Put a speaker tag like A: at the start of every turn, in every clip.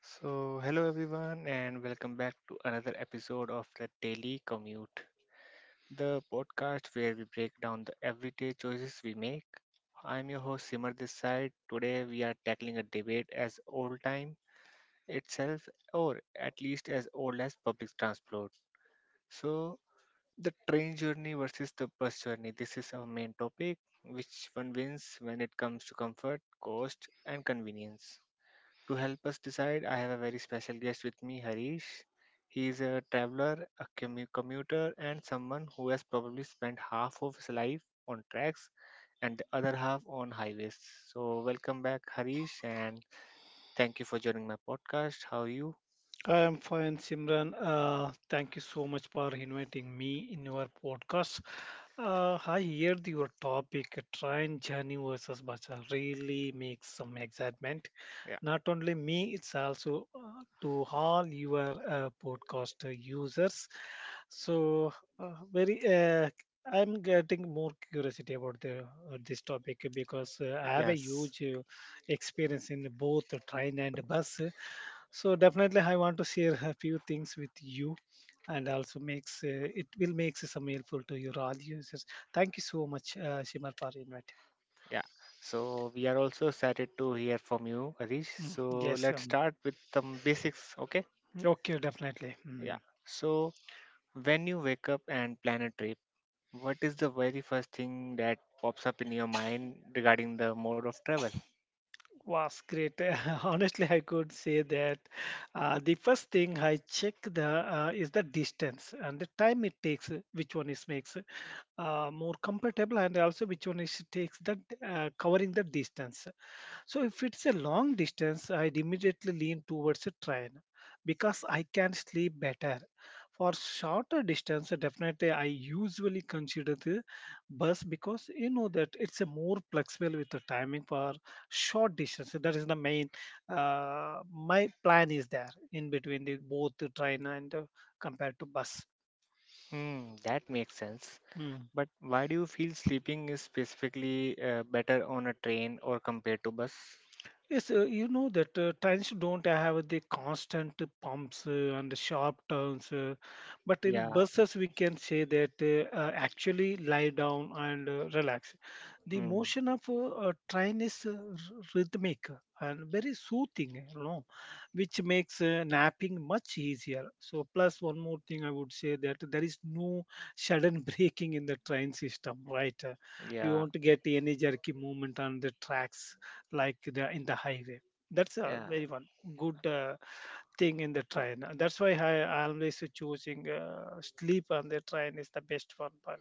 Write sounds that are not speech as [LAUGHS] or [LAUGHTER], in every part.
A: So, hello everyone, and welcome back to another episode of the Daily Commute, the podcast where we break down the everyday choices we make. I'm your host Simar this side. Today we are tackling a debate as old time itself, or at least as old as public transport. So, the train journey versus the bus journey. This is our main topic. Which one wins when it comes to comfort, cost, and convenience? To help us decide, I have a very special guest with me, Harish. He is a traveler, a commuter, and someone who has probably spent half of his life on tracks and the other half on highways. So, welcome back, Harish, and thank you for joining my podcast. How are you?
B: I am fine, Simran. Thank you so much for inviting me in your podcast. I heard your topic, train journey versus bus, really makes some excitement.
A: Yeah,
B: Not only me, it's also to all your podcast users. So, very I'm getting more curiosity about the this topic because I have a
A: yes,
B: huge experience in both train and bus, so definitely I want to share a few things with you, and also makes it will make some helpful to your audiences. Thank you so much, Shimar, for inviting.
A: yeah. So, we are also excited to hear from you, Harish.
B: Mm,
A: So,
B: yes
A: let's
B: um,
A: start with some basics, okay?
B: okay, definitely.
A: Yeah.
B: Mm.
A: So, when you wake up and plan a trip, what is the very first thing that pops up in your mind regarding the mode of travel?
B: Was great [LAUGHS] honestly I could say that the first thing I check the is the distance and the time it takes, which one is makes more comfortable and also which one is takes that covering the distance. So if it's a long distance, I'd immediately lean towards a train because I can sleep better. For shorter distance, definitely I usually consider the bus because you know that it's a more flexible with the timing for short distance. That is the main. My plan is there in between the both the train and compared to bus.
A: Hmm, that makes sense.
B: Hmm.
A: But why do you feel sleeping is specifically better on a train or compared to bus?
B: Yes, you know that trains don't have the constant pumps and sharp turns, but in
A: Yeah,
B: buses we can say that actually lie down and relax. The
A: hmm,
B: motion of a train is rhythmic and very soothing, you know, which makes napping much easier. So, plus one more thing, I would say that there is no sudden [LAUGHS] breaking in the train system, right? We
A: yeah,
B: want to get any jerky movement on the tracks like the in the highway. That's a
A: yeah.
B: very one good thing in the train. That's why I always choosing sleep on the train is the best one for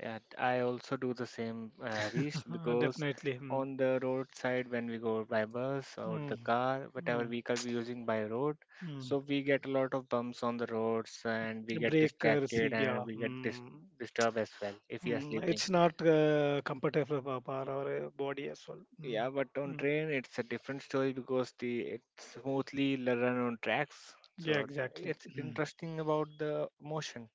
A: Yeah, I also do the same, Harish,
B: me [LAUGHS]
A: because
B: definitely. Mm.
A: on the roadside when we go by bus or
B: Mm.
A: the car, whatever
B: Mm.
A: vehicle we're using by road,
B: Mm.
A: so we get a lot of bumps on the roads and we get
B: Breakers,
A: distracted
B: yeah.
A: and we get
B: Mm.
A: disturbed as well if we are
B: Mm.
A: sleeping.
B: It's not comfortable for our body as well. Mm.
A: Yeah, but on
B: Mm.
A: train it's a different story because the it smoothly run on tracks,
B: Yeah,
A: so
B: exactly.
A: it's interesting about the motion.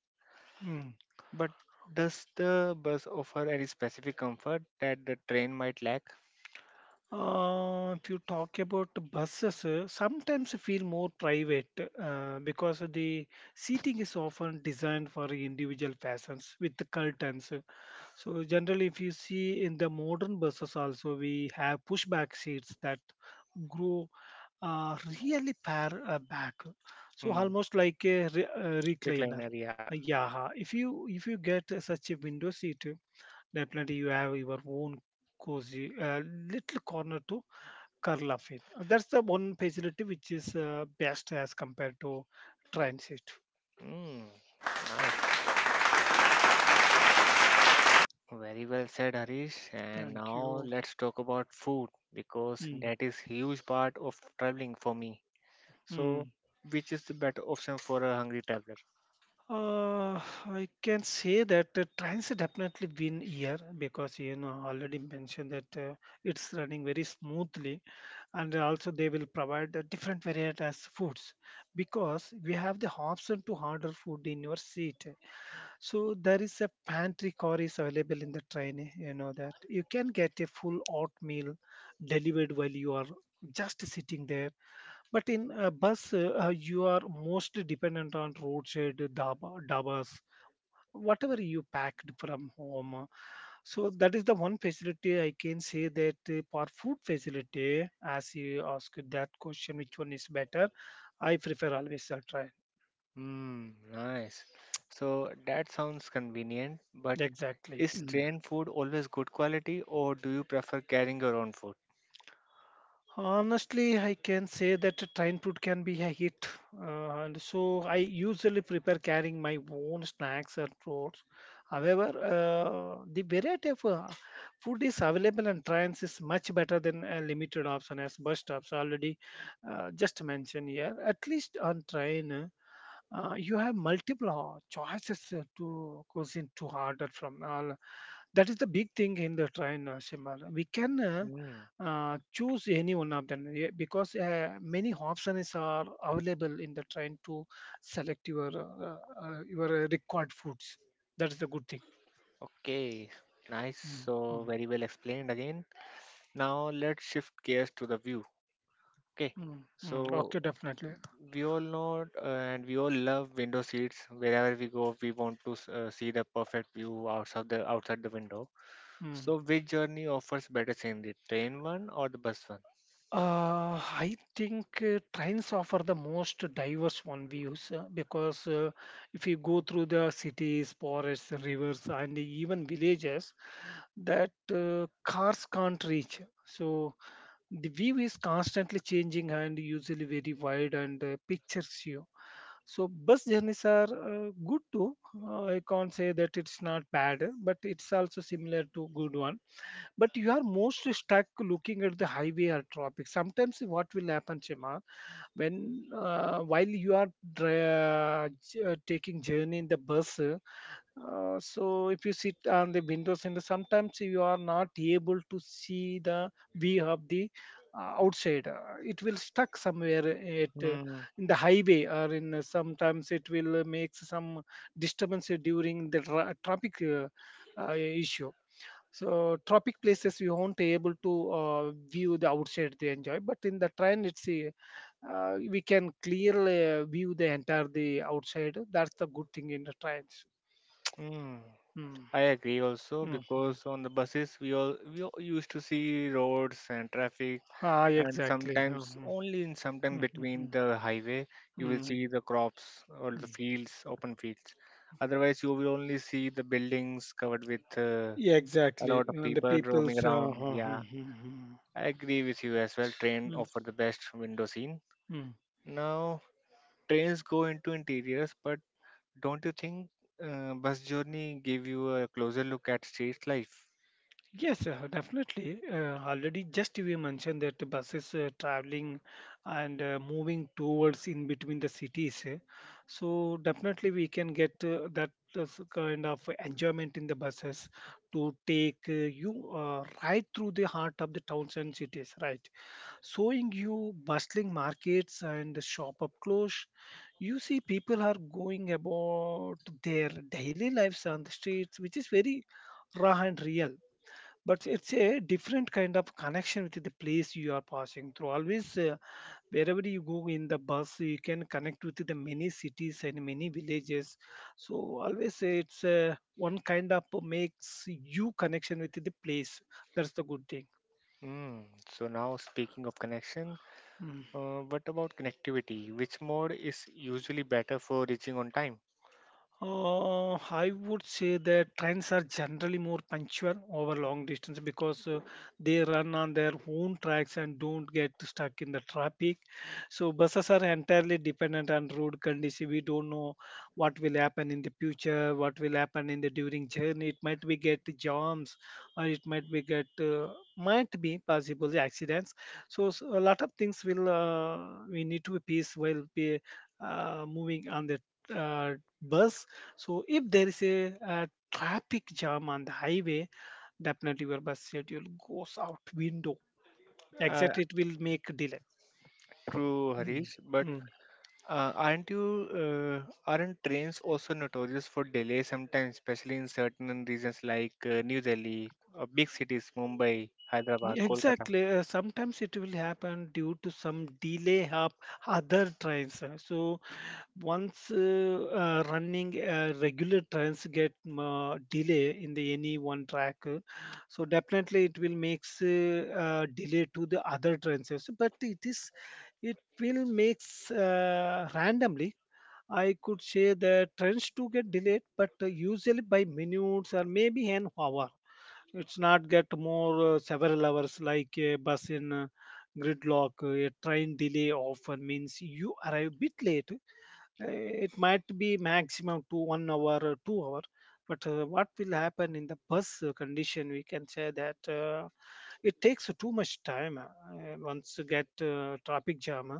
B: Mm.
A: But does the bus offer any specific comfort that the train might lack?
B: If you talk about buses, sometimes I feel more private because of the seating is often designed for individual persons with the curtains. So generally, if you see in the modern buses also, we have pushback seats that grow uh, really far back, so
A: Hmm.
B: almost like a recliner.
A: Recliner, yeah.
B: Yeah, if you get such a window seat, definitely you have your own cozy little corner to curl up in. That's the one facility which is best as compared to transit.
A: Mm, nice. Very well said, Harish. And
B: Thank
A: now
B: you.
A: let's talk about food because
B: Hmm.
A: that is huge part of traveling for me.
B: Mm.
A: So, which is the better option for a hungry traveler?
B: Uh, I can say that transit definitely been here because you know already mentioned that it's running very smoothly, and also they will provide the different varieties foods because we have the option to order food in your seat. So there is a pantry car is available in the train. Eh, you know that you can get a full oatmeal delivered while you are just sitting there. But in a bus, you are mostly dependent on roadside dhabas, whatever you packed from home. So that is the one facility I can say that, for food facility, as you asked that question, which one is better? I prefer always a train.
A: Hmm, nice. So that sounds convenient, but
B: Exactly.
A: is
B: Mm.
A: train food always good quality or do you prefer carrying your own food?
B: Honestly, I can say that a train food can be a hit, and so I usually prepare carrying my own snacks and fruits. However, the variety of food is available on trains is much better than a limited option as bus stops already just mentioned here. At least on train, you have multiple choices to cuisine to order from all. That is the big thing in the train, Shimar. we can uh,
A: Hmm,
B: uh, choose any one of them, yeah, because many options are available in the train to select your required foods. That is the good thing.
A: okay. Nice.
B: Mm,
A: So
B: mm,
A: very well explained again. Now let's shift gears to the view. Okay,
B: mm, mm.
A: so
B: Okay, definitely.
A: we all know and we all love window seats. Wherever we go, we want to see the perfect view outside the window.
B: Mm.
A: So, which journey offers better scenery, train one or the bus one?
B: I think trains offer the most diverse one views because if you go through the cities, forests, rivers, and even villages that cars can't reach. So the view is constantly changing and usually very wide and pictures you. So bus journeys are good too. I can't say that it's not bad, but it's also similar to good one, but you are most stuck looking at the highway or traffic. Sometimes what will happen, Shema, when while you are taking journey in the bus, so if you sit on the windows and sometimes you are not able to see the view of the outside. It will stuck somewhere at
A: Hmm.
B: in the highway, or in sometimes it will make some disturbance during the traffic issue. So tropic places you won't able to view the outside they enjoy, but in the train it's we can clearly view the entire the outside. That's the good thing in the trains.
A: Hmm.
B: Hmm.
A: I agree also
B: Mhm.
A: because on the buses we all used to see roads and traffic,
B: Ah,
A: and
B: exactly.
A: sometimes
B: Mhm.
A: only in sometime between
B: Mhm.
A: the highway you will see
B: Mhm.
A: the crops or the
B: Mhm.
A: fields, open fields. Otherwise you will only see the buildings covered with
B: Yeah,
A: a lot
B: exactly.
A: of
B: And the
A: people roaming
B: people's.
A: around, yeah.
B: Mhm. Mhm.
A: I agree with you as well, train
B: Mhm.
A: offer the best window scene.
B: Mhm.
A: Now trains go into interiors, but don't you think bus journey give you a closer look at street life?
B: Yes, definitely. Already, just we mentioned that the buses traveling and moving towards in between the cities. Eh. So definitely, we can get that kind of enjoyment in the buses to take you right through the heart of the towns and cities, right? Showing you bustling markets and shop up close. You see people are going about their daily lives on the streets, which is very raw and real. But it's a different kind of connection with the place you are passing through. Always, wherever you go in the bus, you can connect with the many cities and many villages. So always, it's one kind of makes you connection with the place. That's the good thing.
A: Mm. So now speaking of connection,
B: Hmm.
A: What about connectivity? Which mode is usually better for reaching on time?
B: I would say that trains are generally more punctual over long distance because they run on their own tracks and don't get stuck in the traffic. So buses are entirely dependent on road condition. We don't know what will happen in the future, what will happen in the during journey. It might be get jams, or it might be get might be possible accidents. So, s a lot of things will we need to be peace while be moving on the uh, bus. So if there is a traffic jam on the highway, definitely your bus schedule goes out window.
A: Uh,
B: Exactly, it will make delay.
A: True,
B: Mm,
A: Harish, but
B: mm.
A: aren't trains also notorious for delay sometimes, especially in certain regions like New Delhi, big cities, Mumbai, Hyderabad, Kolkata?
B: Exactly. Sometimes it will happen due to some delay of other trains. So once running regular trains get delay in the any one track, so definitely it will makes delay to the other trains also, but it is it will makes randomly. I could say the trains to get delayed, but usually by minutes or maybe an hour. It's not get more several hours like a bus in gridlock. A train delay often means you arrive bit late. It might be maximum to 1 hour or 2 hour, but what will happen in the bus condition, we can say that, it takes too much time. Once you get traffic jam,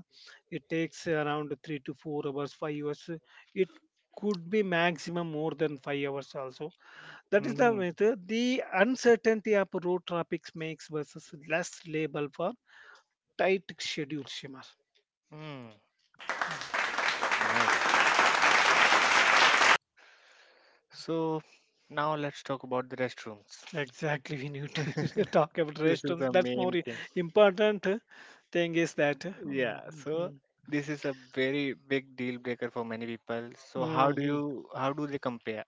B: it takes around 3 to 4 hours, 5 hours. It could be maximum more than 5 hours also. That is the
A: Hmm.
B: method. The uncertainty of road traffic makes buses less liable for tight schedules, Shimar.
A: Hmm. Nice. So now let's talk about the restrooms.
B: Exactly, we need to [LAUGHS]
A: [LAUGHS]
B: talk about
A: This is
B: restaurants.
A: the
B: That's more
A: main thing.
B: important thing is that.
A: Yeah, so
B: Mm-hmm.
A: this is a very big deal breaker for many people. So how do
B: Hmm.
A: you how do they compare?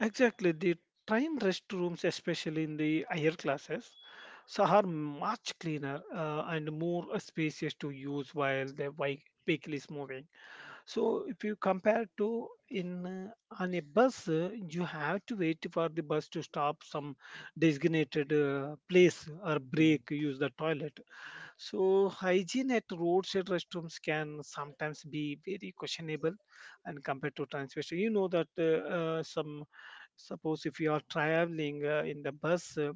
B: Exactly, the train restrooms, especially in the higher classes, so are much cleaner and more spacious to use while the vehicle is moving. So if you compare to in on a bus, you have to wait for the bus to stop some designated place or
A: Mm.
B: break, use the toilet. So hygiene at roadside restrooms can sometimes be very questionable, and compared to transportation, you know that some, suppose if you are traveling in the bus uh,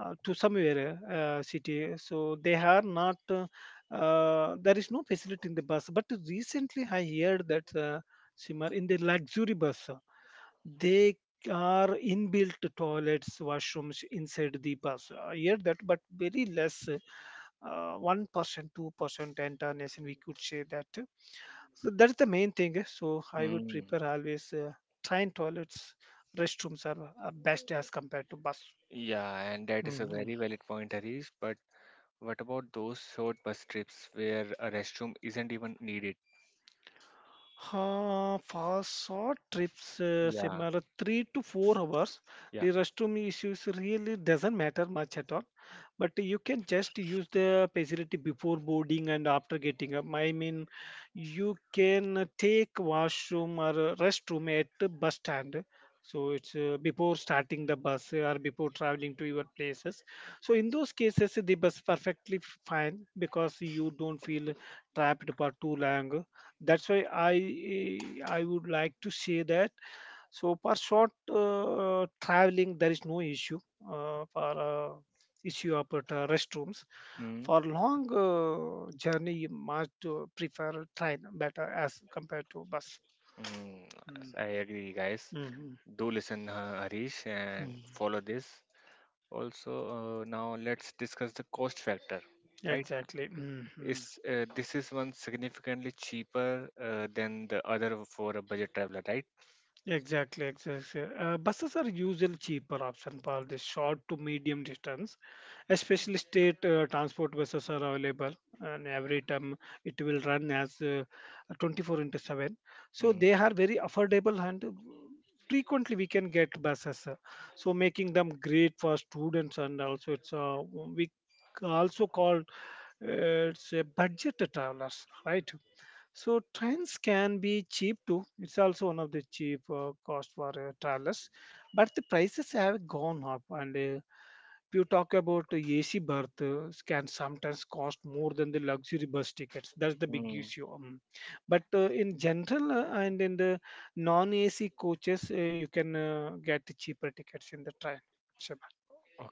B: uh, to somewhere city, so they are not there is no facility in the bus. But recently I heard that, Simar, in the luxury bus, they are inbuilt toilets, washrooms inside the bus. I heard that, but very less, 1%, 2% entire nation, we could say that. So that's the main thing. So I would
A: Mm.
B: prepare always, train toilets, restrooms are best as compared to bus.
A: Yeah, and that is a
B: Mhm.
A: very valid point, Harish. But what about those short bus trips where a restroom isn't even needed?
B: For short trips,
A: Yeah,
B: similar 3 to 4 hours,
A: yeah.
B: the restroom issues really doesn't matter much at all. But you can just use the facility before boarding and after getting up. You can take washroom or restroom at the bus stand, so it's before starting the bus or before traveling to your places. So in those cases the bus perfectly fine, because you don't feel trapped for too long. That's why I would like to say that, so for short traveling, there is no issue for issue of restrooms.
A: Hmm.
B: For long journey, you must prefer train better as compared to bus.
A: Mm. Yes,
B: Mm.
A: I agree, guys.
B: Mhm.
A: Do listen, Harish, and
B: Mm.
A: follow this. Also, now let's discuss the cost factor, right?
B: Exactly. Mhm.
A: Is this is one significantly cheaper than the other for a budget traveler, right?
B: Exactly, exactly. Buses are usually cheaper option for the short to medium distance, especially state transport buses are available, and every time it will run as 24 into 7, so
A: Mm,
B: they are very affordable, and frequently we can get buses so making them great for students, and also it's we also called it's a budget travelers, right? So trains can be cheap too. It's also one of the cheap cost for travelers, but the prices have gone up, and you talk about the AC berths can sometimes cost more than the luxury bus tickets. That's the big issue.
A: mm.
B: But in general and in the non-AC coaches, you can get the cheaper tickets in the train. Sure.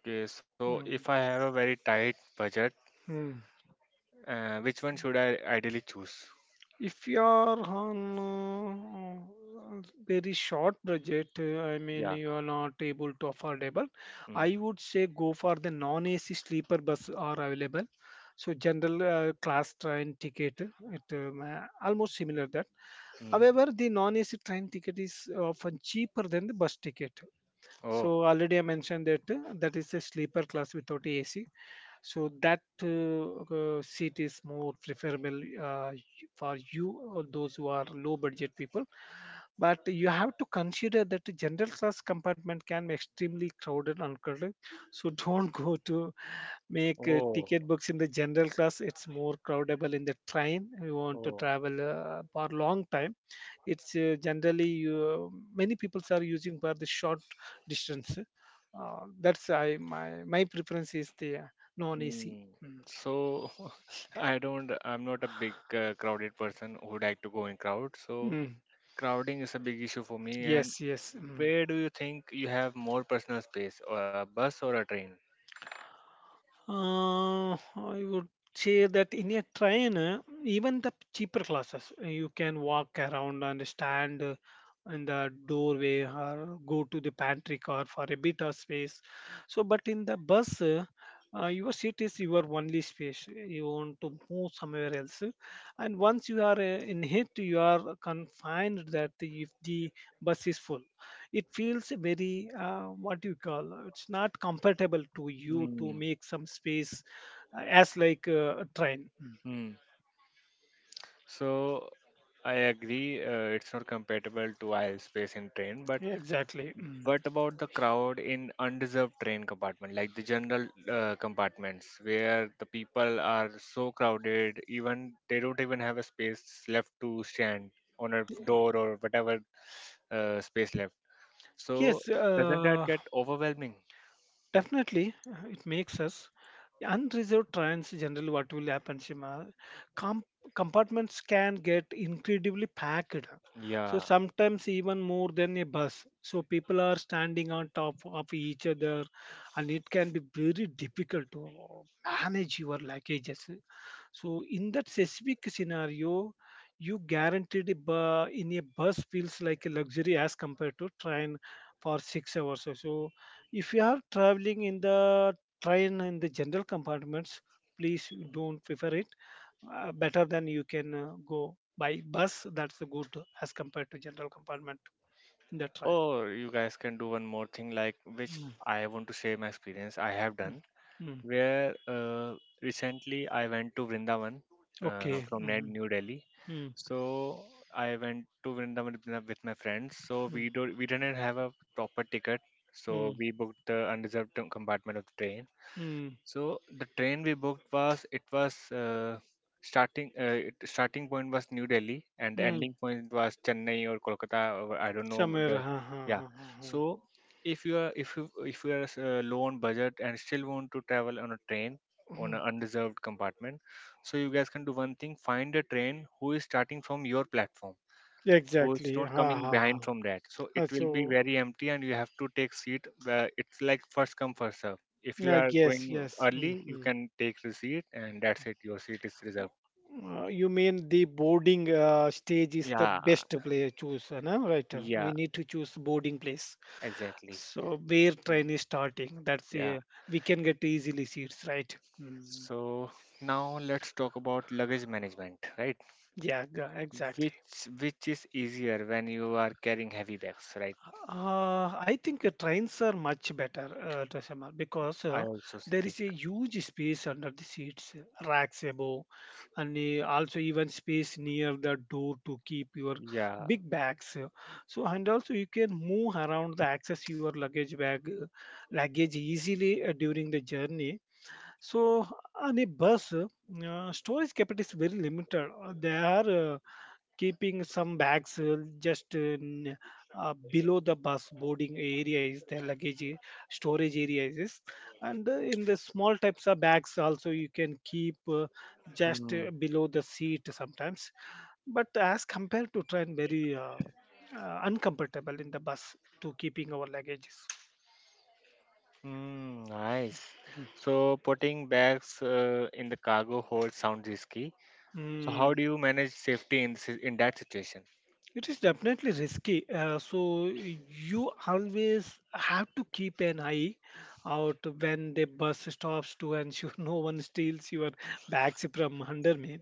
A: Okay, so if I have a very tight budget,
B: Mm.
A: which one should I ideally choose?
B: If you are on uh, very short budget, I mean
A: Yeah.
B: you are not able to affordable, I
A: Mm,
B: would say go for the non-AC sleeper bus are available. So general class train ticket, it almost similar that.
A: mm.
B: However, the non-AC train ticket is often cheaper than the bus ticket.
A: Oh,
B: So already I mentioned that that is a sleeper class without AC, so that seat is more preferable for you or those who are low budget people. But you have to consider that the general class compartment can be extremely crowded and crowded, so don't [LAUGHS] go to make
A: oh,
B: ticket books in the general class. It's more crowdable in the train. You want to
A: oh.
B: travel for long time, it's generally you, many people are using for the short distance. That's I my my preference is the non AC.
A: Mm.
B: Mm.
A: So [LAUGHS] I don't. I'm not a big crowded person who like to go in crowd. So
B: Mm.
A: crowding is a big issue for me.
B: yes
A: And
B: yes Mm.
A: where do you think you have more personal space, or a bus or a train?
B: I would say that in a train, even the cheaper classes, you can walk around and stand in the doorway or go to the pantry car for a bit of space. So, but in the bus, your seat is your only space. You want to move somewhere else, and once you are in it, you are confined, that if the bus is full, it feels very what do you call, it's not comfortable to you to
A: Hmm.
B: make some space as like a train. Mm.
A: Mm. So I agree, it's not compatible to aisle space in train, but
B: Yeah, exactly. Mm.
A: what about the crowd in undeserved train compartment, like the general compartments, where the people are so crowded, even they don't even have a space left to stand on a door or whatever space left. So
B: Yes.
A: doesn't that get overwhelming?
B: Definitely. It makes us, unreserved trains, generally what will happen, shima, com- compartments can get incredibly packed, so
A: Yeah.
B: sometimes even more than a bus. So people are standing on top of each other, and it can be very difficult to manage your luggages. So in that specific scenario, you guaranteed a in a bus feels like a luxury as compared to train for 6 hours or so. If you are traveling in the train in the general compartments, please don't prefer it. Better than you can go by bus. That's good as compared to general compartment in the train.
A: Or you guys can do one more thing, like which
B: Mm,
A: I want to share my experience I have
B: mm,
A: done,
B: mm.
A: where recently I went to Vrindavan
B: Okay.
A: from
B: Mm,
A: New Delhi.
B: mm,
A: So I went to Vrindavan with my friends. So
B: mm,
A: we didn't have a proper ticket. So
B: mm,
A: we booked the unreserved compartment of the train.
B: mm,
A: So the train we booked was it was starting starting point was New Delhi and the
B: mm.
A: ending point was Chennai or Kolkata or I don't know the,
B: Somewhere. Huh, huh,
A: yeah.
B: huh, huh,
A: So if you are if you are low on budget and still want to travel on a train on
B: huh.
A: an unreserved compartment, so you guys can do one thing: find a train who is starting from your platform, who's
B: Exactly. Ha
A: not coming
B: ha ha.
A: behind from that. So it
B: Uh,
A: will be
B: so,
A: very empty, and you have to take seat. Where it's like first come first serve. If you are
B: yes,
A: going
B: yes.
A: early, you
B: Mhm.
A: can take the seat, and that's it. Your seat is reserved.
B: You mean the boarding stage is the
A: Yeah,
B: best place choose, no? Right? We
A: yeah,
B: need to choose boarding place.
A: exactly.
B: So where train
A: Mm.
B: is starting, that's
A: Yeah.
B: we can get easily seats, right? Mm.
A: So now let's talk about luggage management, right?
B: Yeah, exactly.
A: Which is easier when you are carrying heavy bags, right?
B: I think trains are much better, Dosama, because
A: I also
B: there
A: think.
B: is a huge space under the seats, racks above, and also even space near the door to keep your
A: Yeah.
B: big bags. So, and also you can move around the access your luggage bag, luggage easily during the journey. So, on a bus, storage capacity is very limited. They are keeping some bags below the bus boarding area is the luggage storage area is, and in the small types of bags also you can keep just
A: Hmm.
B: below the seat sometimes, but as compared to train very uncomfortable in the bus to keeping our luggages.
A: Hmm. Nice. So putting bags in the cargo hold sounds risky. So how
B: Hmm.
A: do you manage safety in in that situation?
B: It is definitely risky. So you always have to keep an eye out when the bus stops to ensure [LAUGHS] no one steals your bags from under me.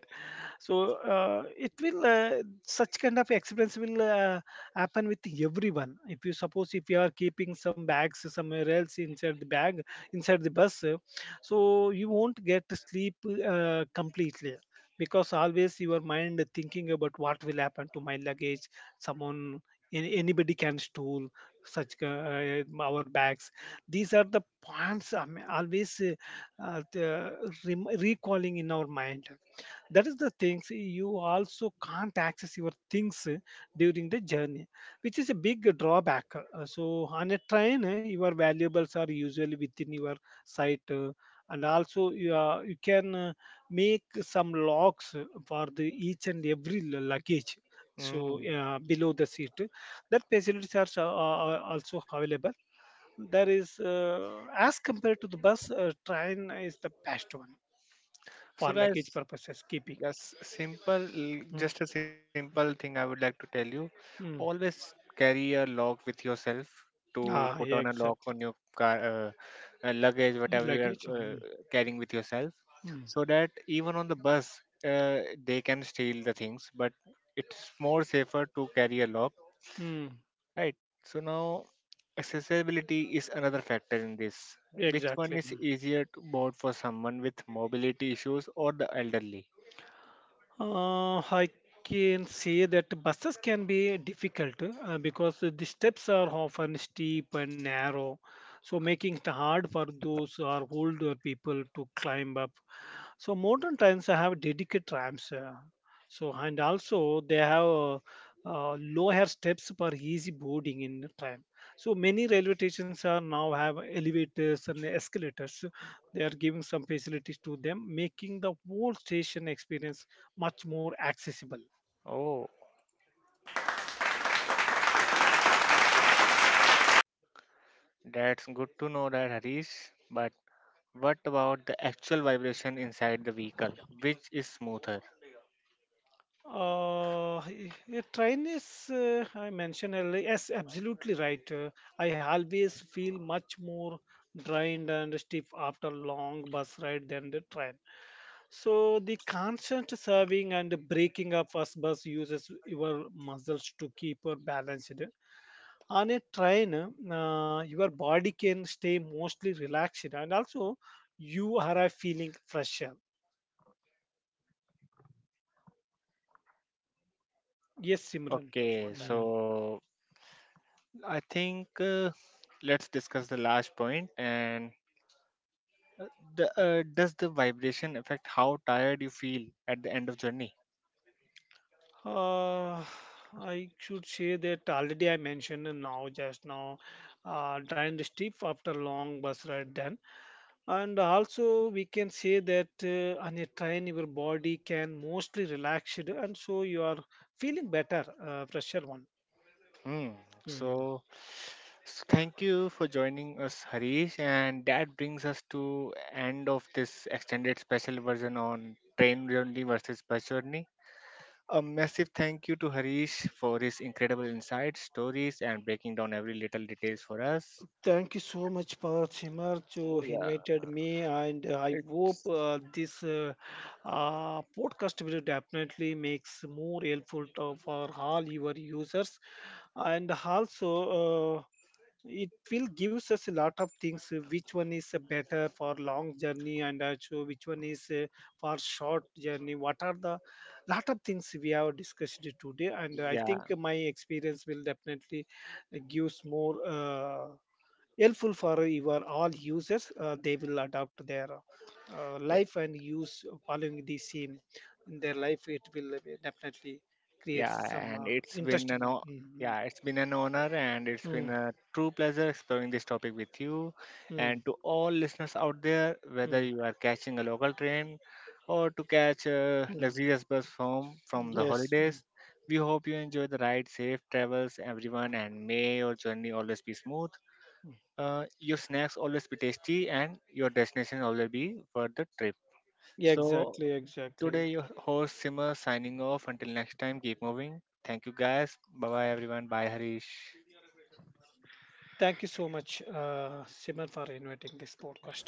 B: So it will such kind of experience will happen with everyone. If you suppose, if you are keeping some bags somewhere else inside the bag inside the bus, so you won't get to sleep completely, because always your mind thinking about what will happen to my luggage. Someone, anybody can steal such our bags. These are the points I'm always uh, the- recalling in our mind. That is the things you also can't access your things during the journey, which is a big drawback. So on a train your valuables are usually within your sight, and also you, are, you can make some locks for the each and every luggage, so
A: Mm.
B: below the seat, that facilities are, are also available. There is as compared to the bus, train is the best one for
A: So, guys,
B: luggage purposes keeping.
A: yes, simple,
B: Hmm.
A: just a simple thing I would like to tell you.
B: Mm.
A: Always carry a lock with yourself to
B: Ah,
A: put
B: yeah,
A: on a lock
B: exactly.
A: on your car, luggage,
B: Your
A: whatever you
B: luggage.
A: are uh,
B: Mm.
A: carrying with yourself,
B: Mm.
A: so that even on the bus, they can steal the things, but it's more safer to carry a lock.
B: Mm.
A: Right. So now accessibility is another factor in this. Which one
B: Exactly.
A: is
B: Mm.
A: easier to board for someone with mobility issues or the elderly?
B: I can say that buses can be difficult because the steps are often steep and narrow, so making it hard for those who are older people to climb up. So modern trains have dedicated ramps. So and also they have lower steps for easy boarding in the train. So many railway stations are now have elevators and escalators. They are giving some facilities to them, making the whole station experience much more accessible.
A: Oh, that's good to know that, Harish. But what about the actual vibration inside the vehicle? Which is smoother?
B: Train is, I mentioned earlier, yes, absolutely right. I always feel much more drained and stiff after long bus ride than the train. So the constant serving and the breaking of us bus uses your muscles to keep her balanced. On a train, your body can stay mostly relaxed, and also you are feeling fresher. Yes, Simran.
A: Okay,
B: Hmm.
A: so I think let's discuss the last point. And uh, the does the vibration affect how tired you feel at the end of journey?
B: Uh, I should say that already I mentioned, and now just now drained stiff after long bus ride done. And also we can say that on a train your body can mostly relax it, and so you are feeling better, fresher one.
A: Hmm.
B: Hmm.
A: So, thank you for joining us, Harish, and that brings us to end of this extended special version on train journey versus bus journey. A massive thank you to Harish for his incredible insights, stories, and breaking down every little details for us.
B: Thank you so much, Parth Simar, to
A: Yeah,
B: invited me, and I
A: it,
B: hope this podcast will definitely makes more helpful to, for all your users, and also uh, it will gives us a lot of things which one is better for long journey, and also which one is for short journey, what are the lot of things we have discussed today, and I think
A: yeah,
B: my experience will definitely gives more helpful for your all users. They will adopt their life and use following the same in their life. It will definitely create
A: yeah,
B: some
A: and it's been
B: interesting
A: an
B: one.
A: o-
B: Mhm.
A: yeah, it's been an honor and it's been
B: Mm,
A: a true pleasure exploring this topic with you.
B: mm,
A: And to all listeners out there, whether
B: mm,
A: you are catching a local train or to catch a
B: mm.
A: luxurious bus home from the
B: Yes. Mm,
A: holidays, we hope you enjoy the ride, safe travels, everyone, and may your journey always be smooth.
B: mm.
A: Your snacks always be tasty and your destination always be worth the trip.
B: Yeah,
A: So
B: exactly,
A: today,
B: exactly.
A: your host Simmer signing off. Until next time, keep moving. Thank you guys. Bye bye, everyone. Bye, Harish.
B: Thank you so much, Simran, for inviting this podcast.